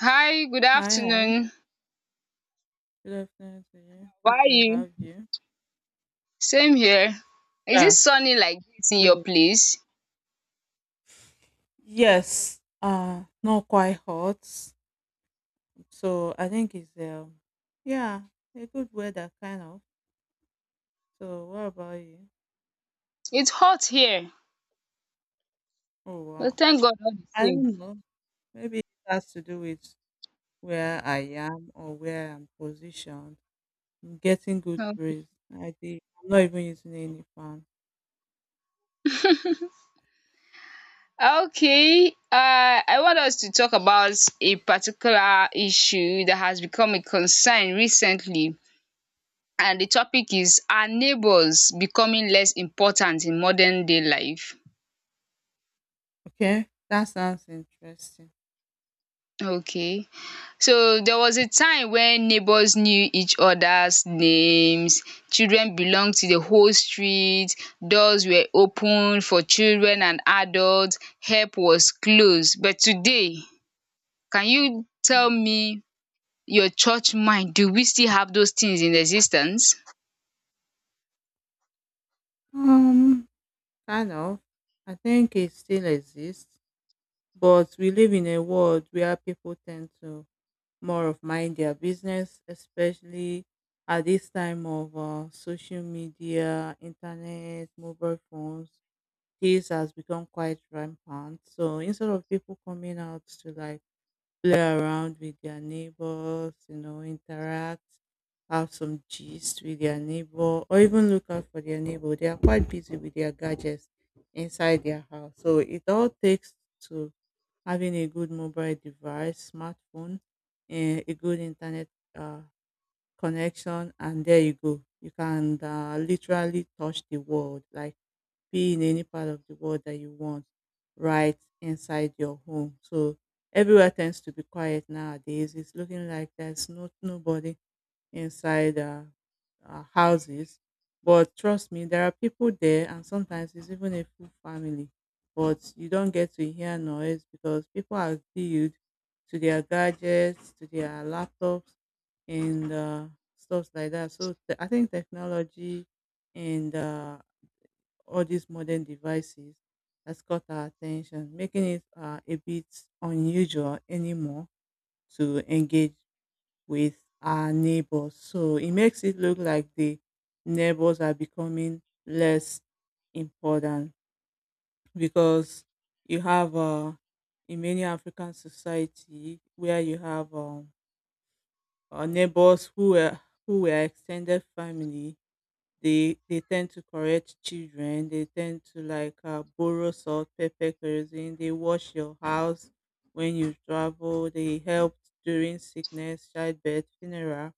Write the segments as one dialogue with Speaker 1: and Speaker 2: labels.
Speaker 1: Hi, good
Speaker 2: Hi, hi.
Speaker 1: afternoon.
Speaker 2: Good afternoon to you.
Speaker 1: How
Speaker 2: Good
Speaker 1: are
Speaker 2: to
Speaker 1: you?
Speaker 2: have you.
Speaker 1: Same here. Is
Speaker 2: Yeah,
Speaker 1: it sunny like this in your
Speaker 2: really.
Speaker 1: place?
Speaker 2: Yes, not quite hot. So I think it's yeah, a good weather kind of. So what about you?
Speaker 1: It's hot here,
Speaker 2: Oh
Speaker 1: but
Speaker 2: wow,
Speaker 1: thank God all the
Speaker 2: I
Speaker 1: same.
Speaker 2: don't know. Maybe it has to do with where I am or where I'm positioned. I'm getting good
Speaker 1: Okay,
Speaker 2: breeze. I did. I'm not even using any fan.
Speaker 1: Okay, I want us to talk about a particular issue that has become a concern recently, and the topic is, are neighbors becoming less important in modern day life?
Speaker 2: Okay, that sounds interesting.
Speaker 1: Okay. So there was a time when neighbors knew each other's names, children belonged to the whole street, doors were open for children and adults, help was close. But today, can you
Speaker 2: Mm.
Speaker 1: tell me your church mind, do we still have those things in existence?
Speaker 2: Um. Kind of. I think it still exists, but we live in a world where people tend to more of mind their business, especially at this time of social media, internet, mobile phones. This has become quite rampant. So instead of people coming out to like play around with their neighbors, interact, have some gist with their neighbor, or even look out for their neighbor. They are quite busy with their gadgets inside their house. So it all takes to having a good mobile device, smartphone, and a good internet uh, connection, and there you go. You can literally touch the world, like be in any part of the world that you want right inside your home. So everywhere tends to be quiet nowadays. It's looking like there's not nobody inside houses. But trust me, there are people there, and sometimes it's even a full family. But you don't get to hear noise because people are glued to their gadgets, to their laptops, and stuff like that. So I think technology and all these modern devices has caught our attention, making it a bit unusual anymore to engage with our neighbors. So it makes it look like the neighbors are becoming less important because you have in many African society where you have neighbors who were extended family. They tend to correct children. They tend to like borrow salt, pepper, kerosene. They wash your house when you travel. They help during sickness, childbirth, funeral.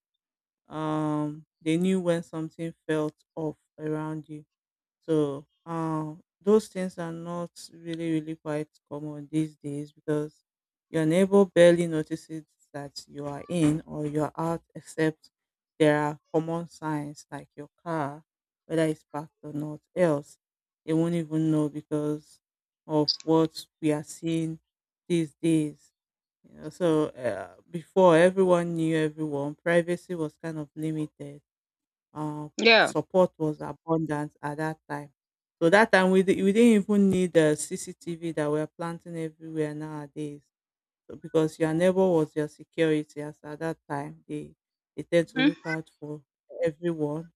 Speaker 2: They knew when something felt off around you. So those things are not really really quite common these days because your neighbor barely notices that you are in or you're out, except there are common signs like your car, whether it's parked or not, else they won't even know because of what we are seeing these days. So before everyone knew everyone, privacy was kind of limited. Uh,
Speaker 1: Yeah.
Speaker 2: Support was abundant at that time. So that time we didn't even need the CCTV that we're planting everywhere nowadays. So because your neighbor was your security as at that time, they tend to
Speaker 1: Mhm.
Speaker 2: look out for everyone.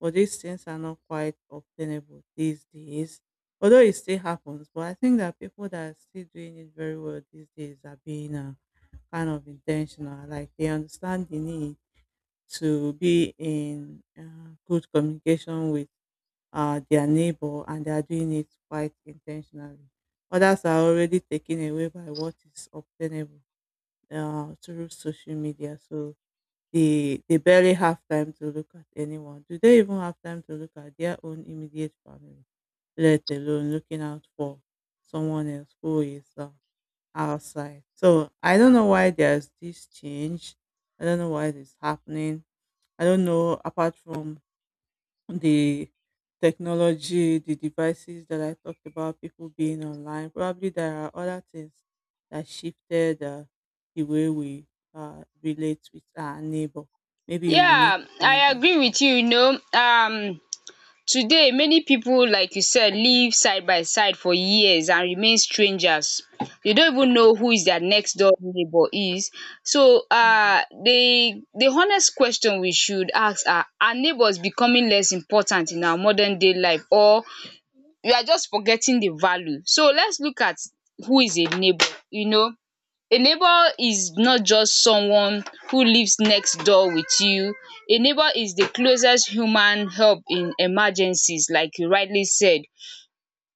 Speaker 2: But these things are not quite obtainable these days. Although it still happens, but I think that people that are still doing it very well these days are being kind of intentional. Like they understand the need to be in good communication with their neighbor, and they are doing it quite intentionally. Others are already taken away by what is obtainable through social media, so they barely have time to look at anyone. Do they even have time to look at their own immediate family, let alone looking out for someone else who is outside. So I don't know why there's this change. I don't know why it's happening. I don't know apart from the technology, the devices that I talked about, people being online. Probably there are other things that shifted the way we relate with our neighbor. Maybe we need
Speaker 1: Yeah,
Speaker 2: to point
Speaker 1: I
Speaker 2: that
Speaker 1: agree
Speaker 2: out.
Speaker 1: with you, you know. Today many people, like you said, live side by side for years and remain strangers. Dey don't even know who is their next door neighbour is. So
Speaker 2: Hmm.
Speaker 1: the honest question we should ask, are neighbours becoming less important in our modern day life, or we are just forgetting the value? So let's look at who is a neighbour, A neighbor is not just someone who lives next door with you. A neighbor is the closest human help in emergencies, like you rightly said,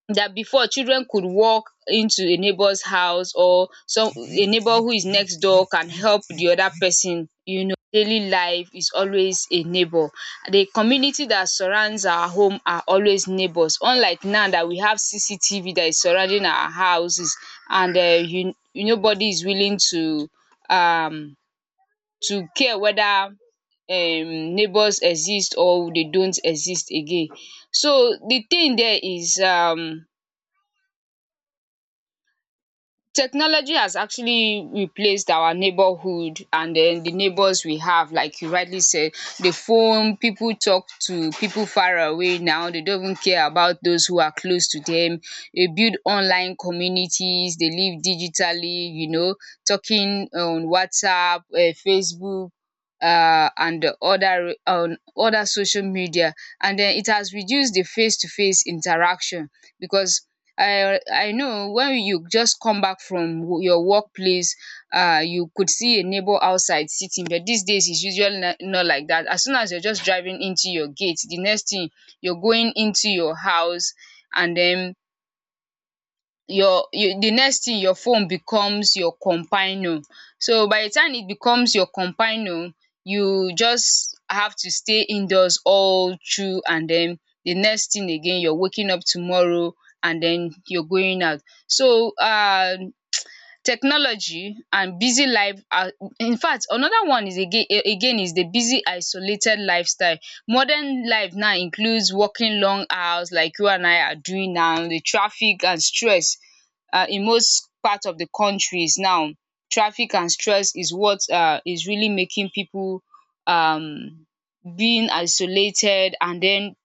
Speaker 1: that before children could walk into a neighbor's house, or some a neighbor who is next door can help the other person, you know, daily life is always a neighbor. The community that surrounds our home are always neighbors, unlike now that we have cctv that is surrounding our houses. And you nobody is willing um to care whether neighbors exist or they don't exist again. So the thing there is, technology has actually replaced our neighborhood, and then the neighbors we have, like you rightly said. The phone, people talk to people far away now, they don't even care about those who are close to them. They build online communities, they live digitally, you know, talking on WhatsApp, Facebook, and other on other social media, and then it has reduced the face to face interaction. Because I know when you just come back from your workplace, you could see a neighbor outside sitting, but these days it's usually not, like that. As soon as you're just driving into your gate, the next thing you're going into your house, and then your you the next thing, your phone becomes your companion. So by the time it becomes your companion, you just have to stay indoors all through, and then the next thing again, you're waking up tomorrow and then you're going out. So technology and busy life are, in fact, another one is again is the busy isolated lifestyle. Modern life now includes working long hours like you and I are doing now, the traffic and stress in most part of the countries now. Traffic and stress is what is really making people um being isolated and then.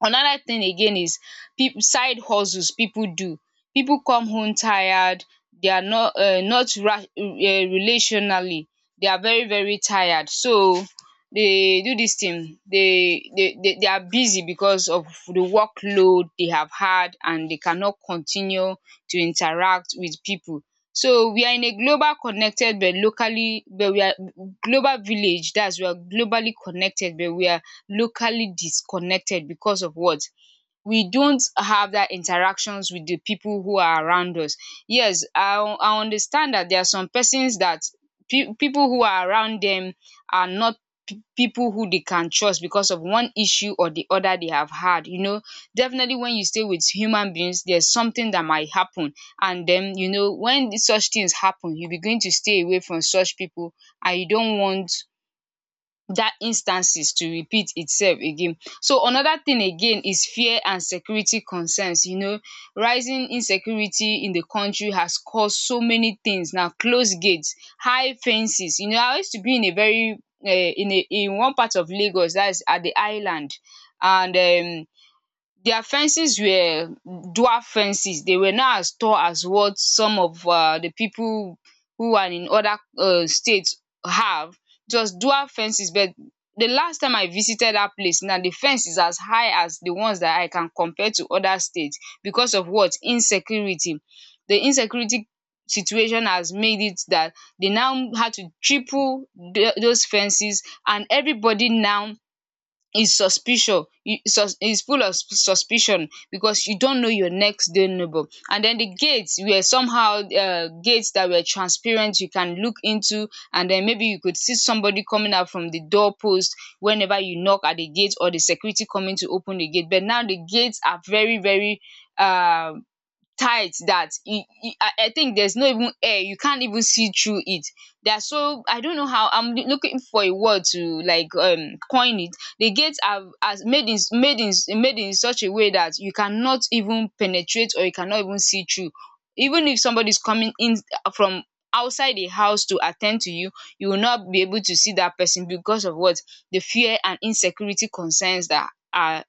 Speaker 1: Another thing again is peop side hustles people do. People come home tired, they are not not ra relationally, they are very very tired, so they do this thing, they are busy because of the workload they have had, and they cannot continue to interact with people. So we are in a global connected but locally but we are global village That's we are globally connected but we are locally disconnected because of what? We don't have that interactions with the people who are around us. Yes, I understand that there are some persons that people who are around them are not people who they can trust because of one issue or the other they have had, you know. Definitely when you stay with human beings, there's something that might happen, and then, you know, when such things happen, you begin to stay away from such people, and you don't want that instances to repeat itself again. So another thing again is fear and security concerns, you know, rising insecurity in the country has caused so many things: now closed gates, high fences. You know, I used to be in a very in one part of Lagos that is at the island, and um their fences were dwarf fences. They were not as tall as what some of the people who are in other states have. It was dwarf fences, but the last time I visited that place now, the fence is as high as the ones that I can compare to other states. Because of what? Insecurity. The insecurity situation has made it that they now had to triple those fences, and everybody now is suspicious, is full of suspicion, because you don't know your next door neighbor. And then the gates were somehow gates that were transparent, you can look into, and then maybe you could see somebody coming out from the doorpost whenever you knock at the gate, or the security coming to open the gate. But now the gates are very very uh tight, that you I think there's no even air, you can't even see through it. They are so, I don't know how I'm looking for a word to like coin it. The gates are as made in such a way that you cannot even penetrate, or you cannot even see through, even if somebody's coming in from outside the house to attend to you, you will not be able to see that person. Because of what? The fear and insecurity concerns that are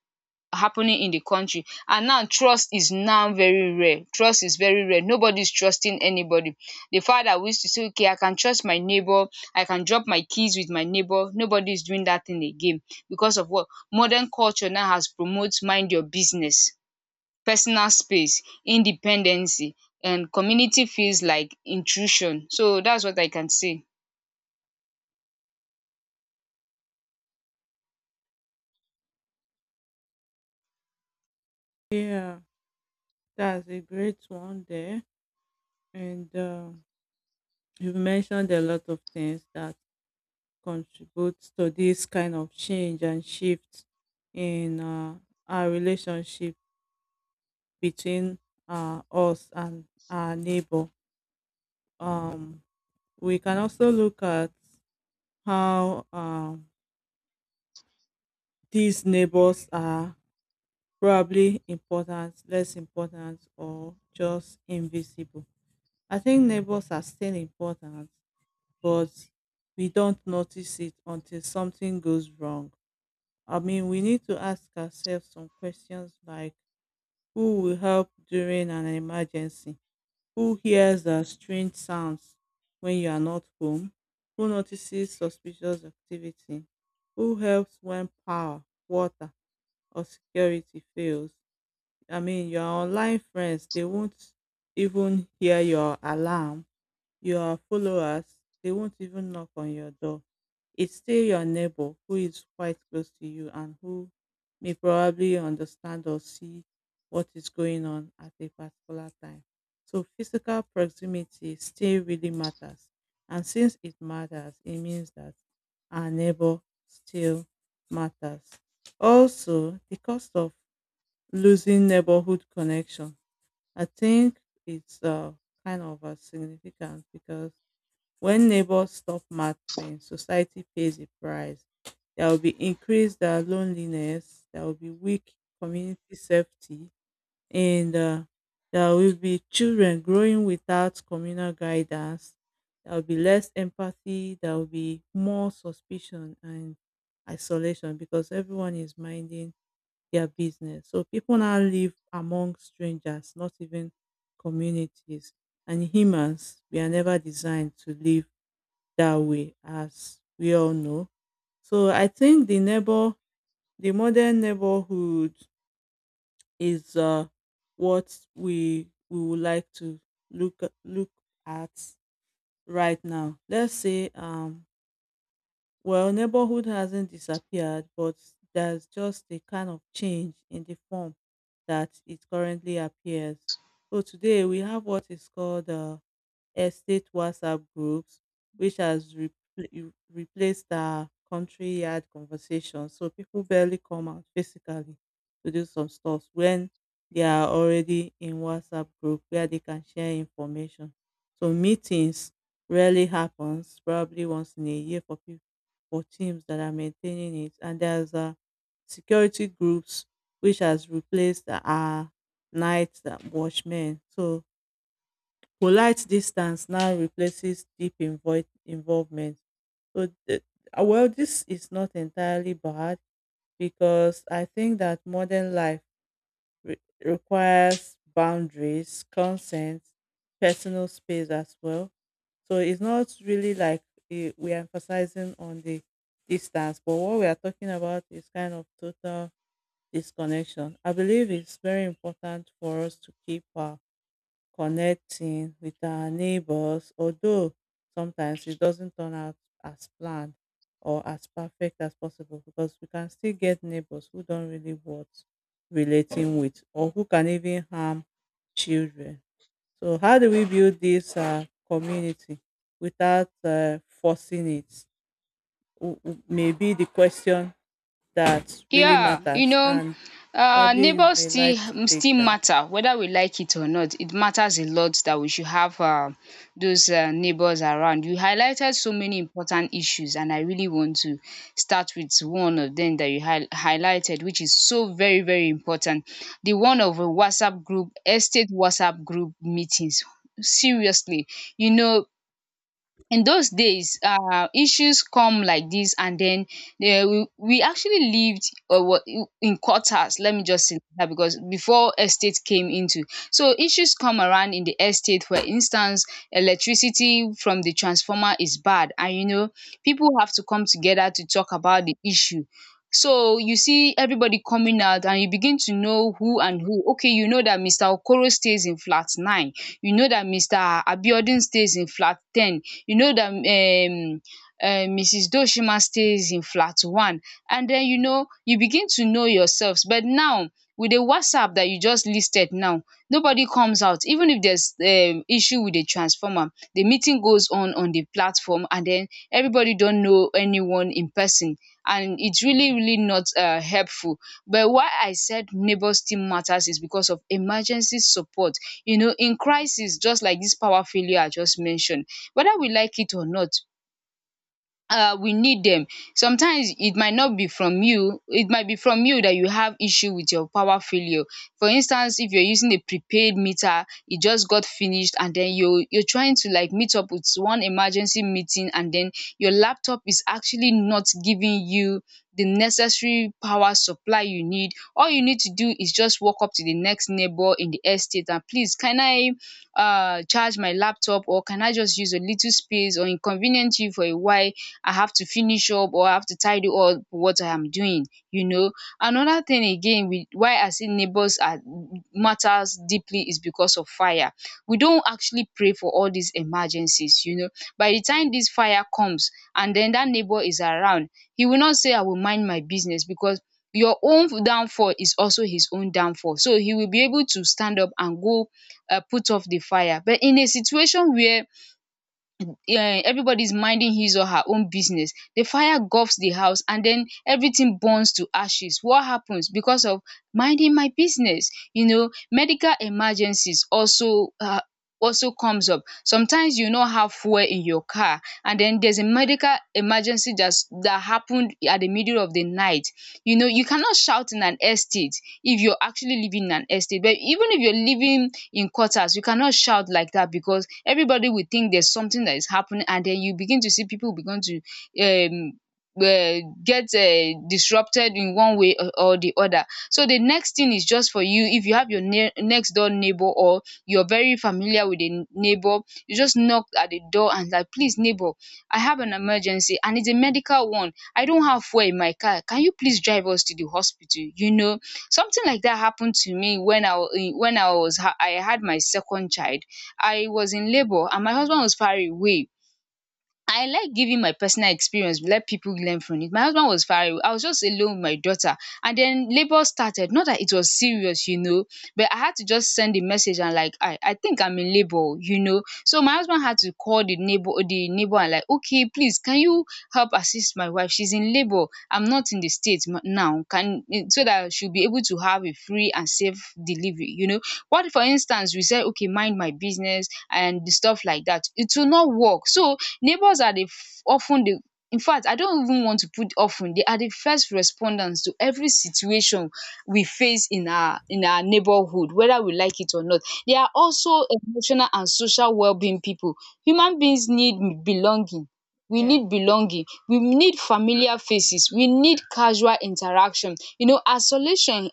Speaker 1: happening in the country. And now trust is now very rare, trust is very rare, nobody is trusting anybody. The fact that we used to say, okay, I can trust my neighbor, I can drop my keys with my neighbor, nobody is doing that thing again. Because of what? Modern culture now has promotes mind your business, personal space, independency, and community feels like intrusion. So that's what I can say.
Speaker 2: Yeah, that's a great one there. And you've mentioned a lot of things that contribute to this kind of change and shift in our relationship between us and our neighbor. Um, we can also look at how these neighbors are probably important, less important, or just invisible. I think neighbors are still important, but we don't notice it until something goes wrong. I mean, we need to ask ourselves some questions like who will help during an emergency? Who hears the strange sounds when you are not home? Who notices suspicious activity? Who helps when power, water, or security fails? I mean, your online friends, they won't even hear your alarm. Your followers, they won't even knock on your door. It's still your neighbor who is quite close to you and who may probably understand or see what is going on at a particular time. So physical proximity still really matters. And since it matters, it means that our neighbor still matters. Also, the cost of losing neighborhood connection. I think it's kind of significant because when neighbors stop mattering, society pays a price. There will be increased loneliness, there will be weak community safety, and there will be children growing without communal guidance. There will be less empathy, there will be more suspicion and isolation because everyone is minding their business. So people now live among strangers, not even communities. And humans, we are never designed to live that way, as we all know. So I think the neighbor, the modern neighborhood, is what we would like to look at right now. Let's say well, neighborhood hasn't disappeared, but there's just a kind of change in the form that it currently appears. So today we have what is called estate WhatsApp groups, which has replaced our country yard conversations. So people barely come out physically to do some stuff when they are already in WhatsApp group where they can share information. So meetings rarely happens, probably once in a year for people for teams that are maintaining it. And there's security groups which has replaced our night watchmen. So polite distance now replaces deep involvement. So well, this is not entirely bad because I think that modern life re- requires boundaries, consent, personal space as well. So it's not really like we are emphasizing on the distance, but what we are talking about is kind of total disconnection. I believe it's very important for us to keep our connecting with our neighbors, although sometimes it doesn't turn out as planned or as perfect as possible because we can still get neighbors who don't really worth relating with or who can even harm children. So, how do we build this community without forcing it? May be the question that really
Speaker 1: Yeah, you
Speaker 2: matters,
Speaker 1: know,
Speaker 2: and probably you
Speaker 1: neighbors
Speaker 2: may like to take
Speaker 1: still
Speaker 2: that.
Speaker 1: matter, whether we like it or not. It matters a lot that we should have those neighbors around. You highlighted so many important issues, and I really want to start with one of them that you highlighted, which is so very very important. The one of a WhatsApp group, estate WhatsApp group meetings. Seriously, you know, in those days, issues come like this, and then they we actually lived, or in quarters, let me just say that, because before estate came into. So issues come around in the estate, for instance, electricity from the transformer is bad, and you know, people have to come together to talk about the issue. So you see everybody coming out, and you begin to know who and who. Okay, you know that Mr. Okoro stays in flat 9, you know that Mr. Abiodun stays in flat 10, you know dat mrs Doochima stays in flat one, and den you know you begin to know yourself. But now with the whatsapp dat you just listed now, nobody comes out, even if there's issue with the transformer, the meeting goes on the platform, and den everybody don't know anyone in person, and it's really really not helpful. But why I said neighbour still matters is because of emergency support. You know, in crisis, just like dis power failure I just mentioned, whether we like it or not, we need them. Sometimes it might not be from you, it might be from you that you have issue with your power failure. For instance, if you're using a prepaid meter, it just got finished, and then you're trying to like meet up with one emergency meeting, and then your laptop is actually not giving you the necessary power supply you need. All you need to do is just walk up to the next neighbor in the estate, and please, can I charge my laptop, or can I just use a little space, or inconvenience you for a while, I have to finish up, or I have to tidy up what I am doing, you know. Another thing again with why I say neighbors are matters deeply is because of fire. We don't actually pray for all these emergencies, you know. By the time this fire comes, and then that neighbor is around, he will not say I will mind my business, because your own downfall is also his own downfall. So he will be able to stand up and go put off the fire. But in a situation where um everybody's minding his or her own business, the fire gulfs the house, and then everything burns to ashes. What happens? Because of minding my business. You know, medical emergencies also also comes up. Sometimes you no have fuel in your car and then there's a medical emergency that happened at the middle of the night. You know, you cannot shout in an estate if you're actually living in an estate. But even if you're living in quarters, you cannot shout like that because everybody will think there's something that is happening and then you begin to see people begin to um get disrupted in one way or the other. So the next thing is just for you, if you have your next door neighbor or you're very familiar with the neighbor, you just knock at the door and like, please neighbor, I have an emergency and it's a medical one, I don't have fuel in my car, can you please drive us to the hospital, you know? Something like that happened to me when when I had my second child. I was in labour and my husband was far away. I like giving my personal experience, let people learn from it. My husband was far away. I was just alone with my daughter. And then labor started. Not that it was serious, you know, but I had to just send a message and like, I think I'm in labor, you know. So my husband had to call the neighbor and like, okay, please, can you help assist my wife? She's in labor. I'm not in the state ma- now. Can, so that she'll be able to have a free and safe delivery, you know. What for instance, we said, okay, mind my business and stuff like that. It will not work. So neighbors are the, of ten the, in fact I don't even want to put often, they are the first responders to every situation we face in our neighborhood whether we like it or not. They are also emotional and social well being people. Human beings need belonging. We
Speaker 2: Yeah.
Speaker 1: need belonging, we need familiar faces, we need casual interaction. You know, isolation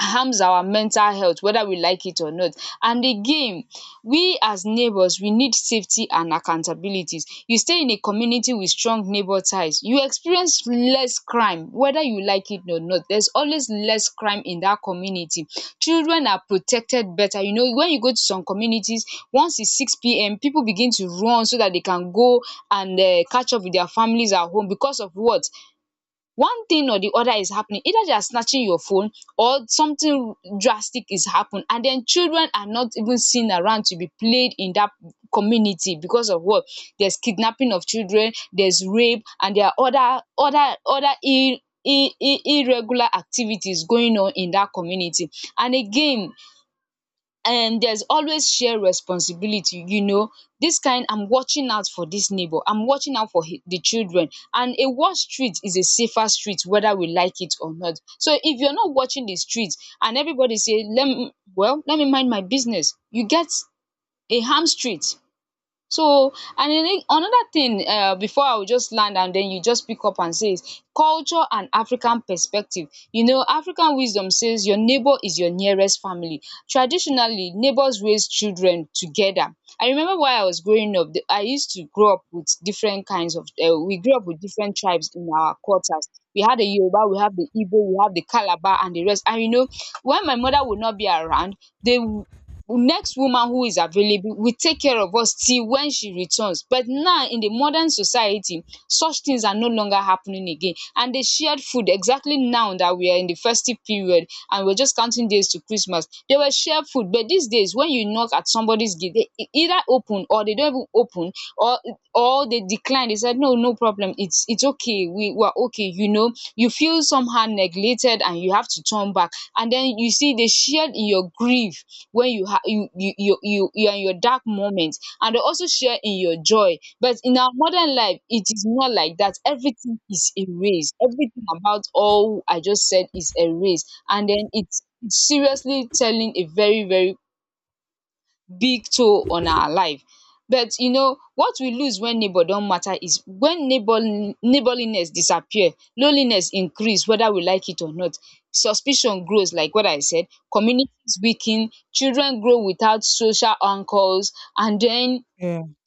Speaker 1: harms our mental health whether we like it or not. And again, we as neighbors, we need safety and accountabilities. You stay in a community with strong neighbor ties, you experience less crime whether you like it or not. There's always less crime in that community. Children are protected better. You know, when you go to some communities, once it's 6 p.m., people begin to run so that they can go and catch up with their families at home, because of what? One thing or the other is happening, either they are snatching your phone or something drastic is happened, and then children are not even seen around to be played in that community because of what? There's kidnapping of children, there's rape and there are other ir- irregular activities going on in that community. And again, and there's always shared responsibility, you know, this kind, I'm watching out for this neighbor, I'm watching out for hi- the children, and a worse street is a safer street whether we like it or not. So if you're not watching the street, and everybody say, let me, well, let me mind my business, you get a harm street. So, and then another thing, before I will just land and then you just pick up and says culture and African perspective. You know, African wisdom says your neighbour is your nearest family. Traditionally neighbours raise children together. I remember while I was growing up, the I used to grow up with different kinds of we grew up with different tribes in our quarters. We had the Yoruba, we have the Igbo, we have the Calabar and the rest. And you know, when my mother would not be around, they, next woman who is available will take care of us till when she returns. But now in the modern society, such things are no longer happening again. And the shared food, exactly now that we are in the festive period and we're just counting days to Christmas, they were shared food. But these days, when you knock at somebody's gate, they e- either open or they don't even open or or they decline. They said, no, no problem. It's okay. We were okay. You know, you feel somehow neglected and you have to turn back. And then you see they shared in your grief when you have, you are in your dark moments, and they also share in your joy. But in our modern life, it is not like that. Everything is erased, everything about all I just said is erased, and then it's seriously telling a very very big toll on our life. But you know what we lose when neighbor don matter, is when neighborliness disappear, loneliness increase whether we like it or not, suspicion grows like what I said, communities weaken, children grow without social anchors, and then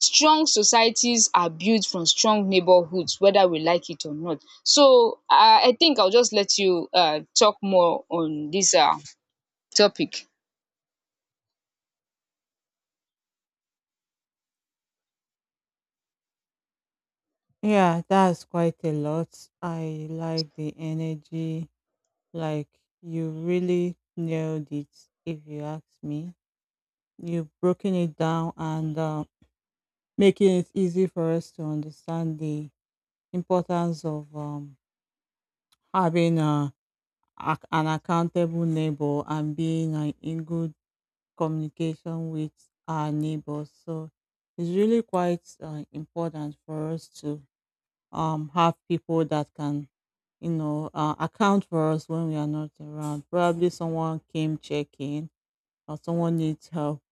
Speaker 1: strong societies are built from strong neighborhoods whether we like it or not. So I think I'll just let you talk more on this topic.
Speaker 2: Yeah, that's quite a lot. I like the energy. Like you really nailed it, if you ask me. You've broken it down and making it easy for us to understand the importance of having an accountable neighbor and being in good communication with our neighbors. So it's really quite important for us to have people that can account for us when we are not around, probably someone came checking or someone needs help,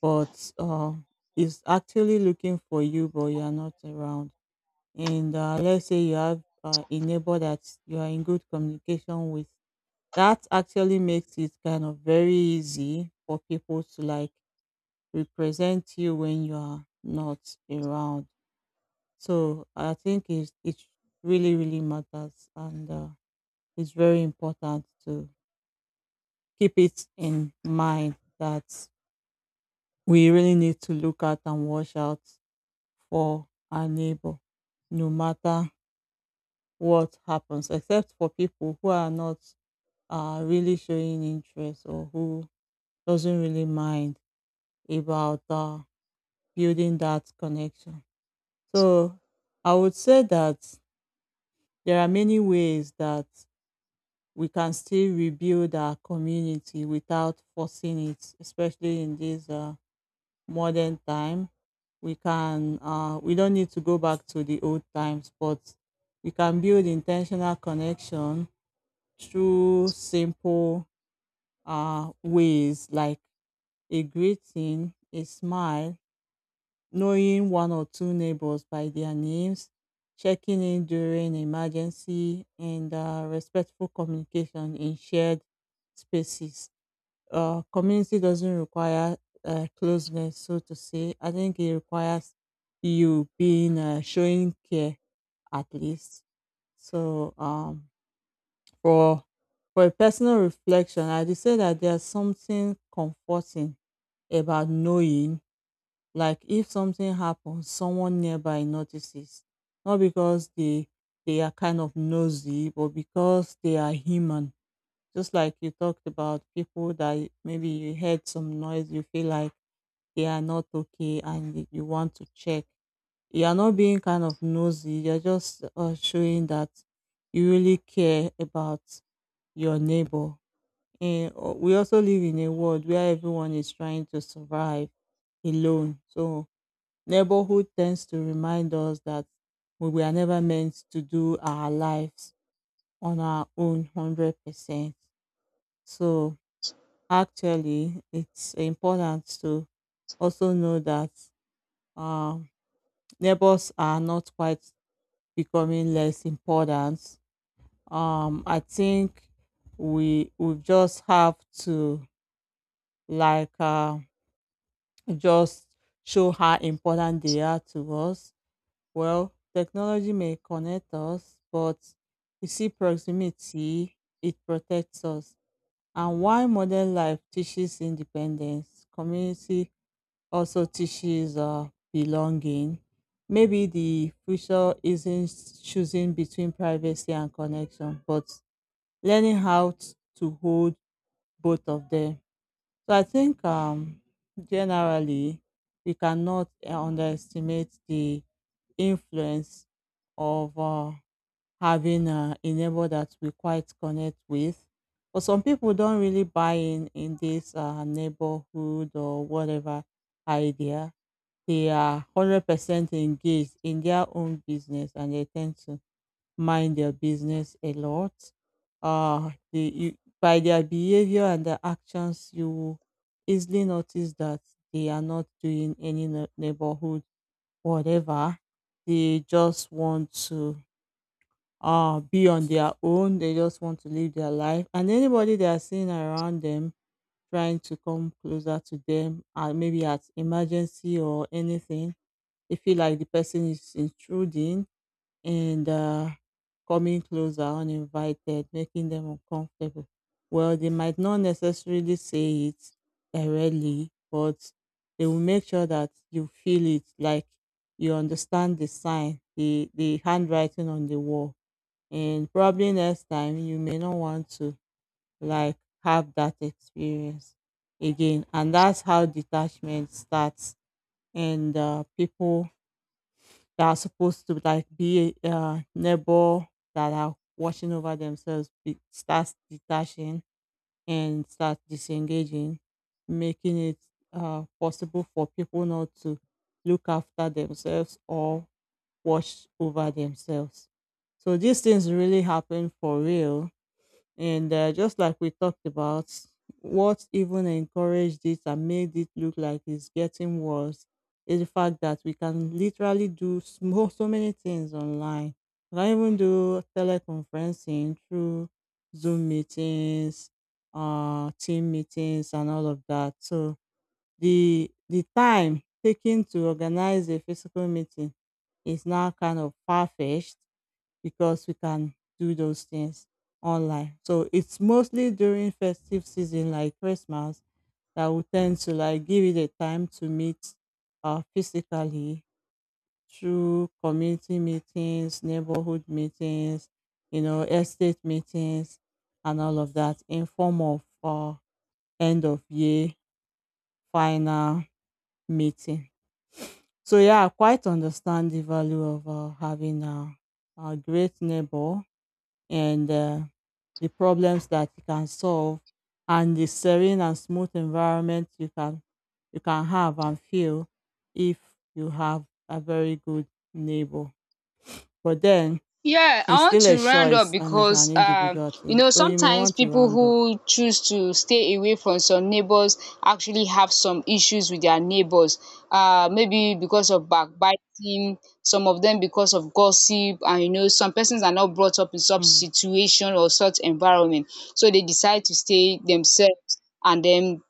Speaker 2: but is actually looking for you but you are not around. And let's say you have a neighbor that you are in good communication with that actually makes it kind of very easy for people to like represent you when you are not around. So I think it really, really matters. And it's very important to keep it in mind that we really need to look at and watch out for our neighbor, no matter what happens, except for people who are not really showing interest or who doesn't really mind about building that connection. So I would say that there are many ways that we can still rebuild our community without forcing it, especially in this modern time. We can uh, we don't need to go back to the old times, but we can build intentional connection through simple ways, like a greeting, a smile, knowing one or two neighbors by their names, checking in during emergency, and respectful communication in shared spaces. Community doesn't require closeness, so to say. I think it requires you being showing care at least. So um, for for a personal reflection, I'd say that there's something comforting about knowing, like if something happens, someone nearby notices. Not because they are kind of nosy, but because they are human. Just like you talked about people that maybe you heard some noise, you feel like they are not okay and you want to check. You are not being kind of nosy, you're just showing that you really care about your neighbor. And we also live in a world where everyone is trying to survive alone. So neighborhood tends to remind us that we were never meant to do our lives on our own 100%. So, actually, it's important to also know that um, neighbors are not quite becoming less important. I think we just have to like just show how important they are to us. Well, technology may connect us, but you see, proximity, it protects us. And while modern life teaches independence, community also teaches belonging. Maybe the future isn't choosing between privacy and connection, but learning how to hold both of them. So I think generally we cannot underestimate the influence of having a neighbor that we quite connect with. But some people don't really buy in this neighborhood or whatever idea. They are 100% engaged in their own business, and they tend to mind their business a lot. Uh, they, you, by their behavior and their actions, you will easily notice that they are not doing any neighborhood whatever. They just want to be on their own. They just want to live their life. And anybody they are seeing around them trying to come closer to them, maybe at emergency or anything, they feel like the person is intruding and coming closer uninvited, making them uncomfortable. Well, they might not necessarily say it directly, but they will make sure that you feel it, like you understand the sign, the handwriting on the wall. And probably next time you may not want to like have that experience again. And that's how detachment starts. And people that are supposed to like be a neighbor that are watching over themselves starts detaching and start disengaging, making it possible for people not to look after themselves or watch over themselves. So these things really happen for real and just like we talked about, what even encouraged it and made it look like it's getting worse is the fact that we can literally do so, so many things online. We can even do teleconferencing through Zoom meetings, team meetings, and all of that. So the time taken to organize a physical meeting is now kind of far fetched because we can do those things online. So it's mostly during festive season like Christmas that we tend to like give it a time to meet physically through community meetings, neighborhood meetings, estate meetings and all of that in form of end of year final meeting. So yeah, I quite understand the value of having a great neighbor and the problems that you can solve and the serene and smooth environment you can have and feel if you have a very good neighbor. But then
Speaker 1: Yeah,
Speaker 2: it's
Speaker 1: I want
Speaker 2: still a
Speaker 1: to round up
Speaker 2: choice and it's an
Speaker 1: because
Speaker 2: individual
Speaker 1: you
Speaker 2: thing.
Speaker 1: know
Speaker 2: So you may
Speaker 1: sometimes
Speaker 2: want to
Speaker 1: people
Speaker 2: round up.
Speaker 1: who choose to stay away from some neighbors actually have some issues with their neighbors. Maybe because of backbiting, some of them because of gossip, and you know, some persons are not brought up in such
Speaker 2: Mm,
Speaker 1: situation or such environment, so they decide to stay themselves and then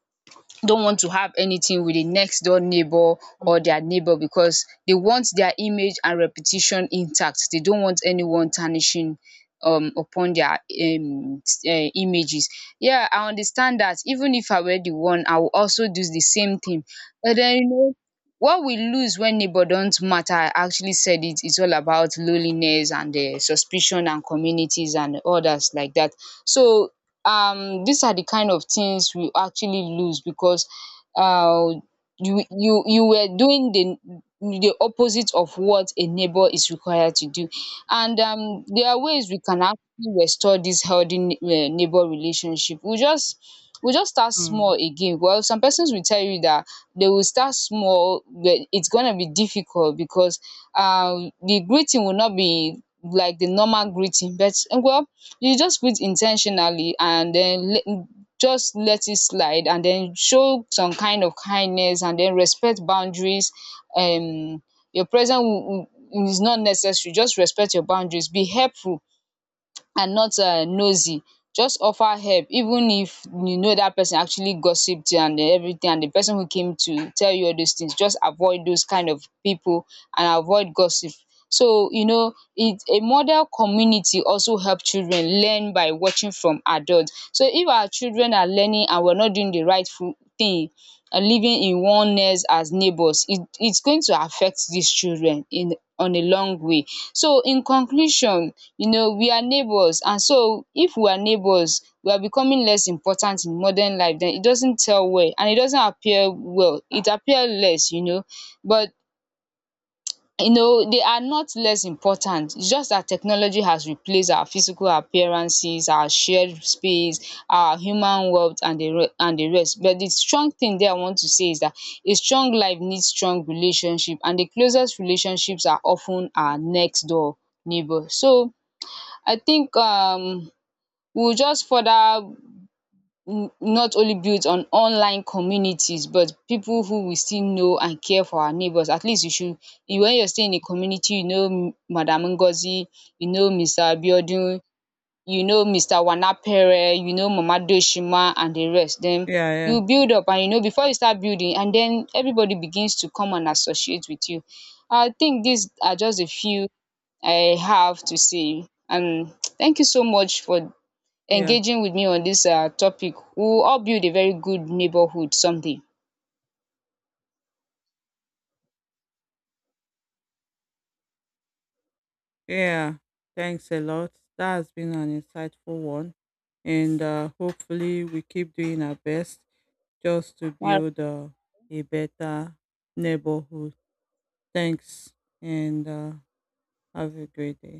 Speaker 1: don't want to have anything with the next door neighbor or
Speaker 2: mm,
Speaker 1: their neighbor, because they want their image and reputation intact. They don't want anyone tarnishing upon their um images. Yeah, I understand that. Even if I were the one, I will also do the same thing. But then you know, what we lose when neighbor don't matter, I actually said it, it's all about loneliness and suspicion and communities and others like that. So these are the kind of things we actually lose, because uh you were doing the opposite of what a neighbor is required to do. And there are ways we can actually restore this healthy neighbor relationship. We just start small
Speaker 2: mm.
Speaker 1: again. Well, some persons will tell you that they will start small, but it's gonna be difficult because the greeting will not be like the normal greeting. But well, you just fit in ten tionally and den, just let it slide and then show some kind of kindness and then respect boundaries. um your presence is not necessary, just respect your boundaries, be helpful and not nosy. Just offer help, even if you know that person actually gossiped and everything, and the person who came to tell you all those things, just avoid those kind of people and avoid gossip. So you know, it a model community also help children learn by watching from adults. So if our children are learning and we're not doing the rightful thing, living in oneness as neighbours, it's going to affect these children in, on a long way. So in conclusion, you know, we are neighbours, and so if we are neighbours, we are becoming less important in modern life, then it doesn't tell well and it doesn't appear well, it appear less, you know. But you know, they are not less important, its just that technology has replaced our physical appearances, our shared space, our human world and the rest. But the strong thing there I want to say is that a strong life needs strong relationship, and the closest relationships are often our next door neighbour. So I think we will just further, n- not only built on online communities, but people who we still know and care for our neighbors. At least you should, you, when you're staying in a community, you know, M- madam Ngozi, you know Mr. Abiodun, you know Mr. Wanapere, you know mama Doshima and the rest, then
Speaker 2: Yeah,
Speaker 1: you
Speaker 2: yeah,
Speaker 1: build up. And you know, before you start building, and then everybody begins to come and associate with you. I think these are just a few I have to say, and thank you so much for
Speaker 2: yeah,
Speaker 1: engaging with me on this topic. We will all build a very good neighborhood someday.
Speaker 2: yeah. Thanks a lot. That has been an insightful one. And hopefully, we keep doing our best just to
Speaker 1: All
Speaker 2: build a better neighborhood. Thanks and have a great day.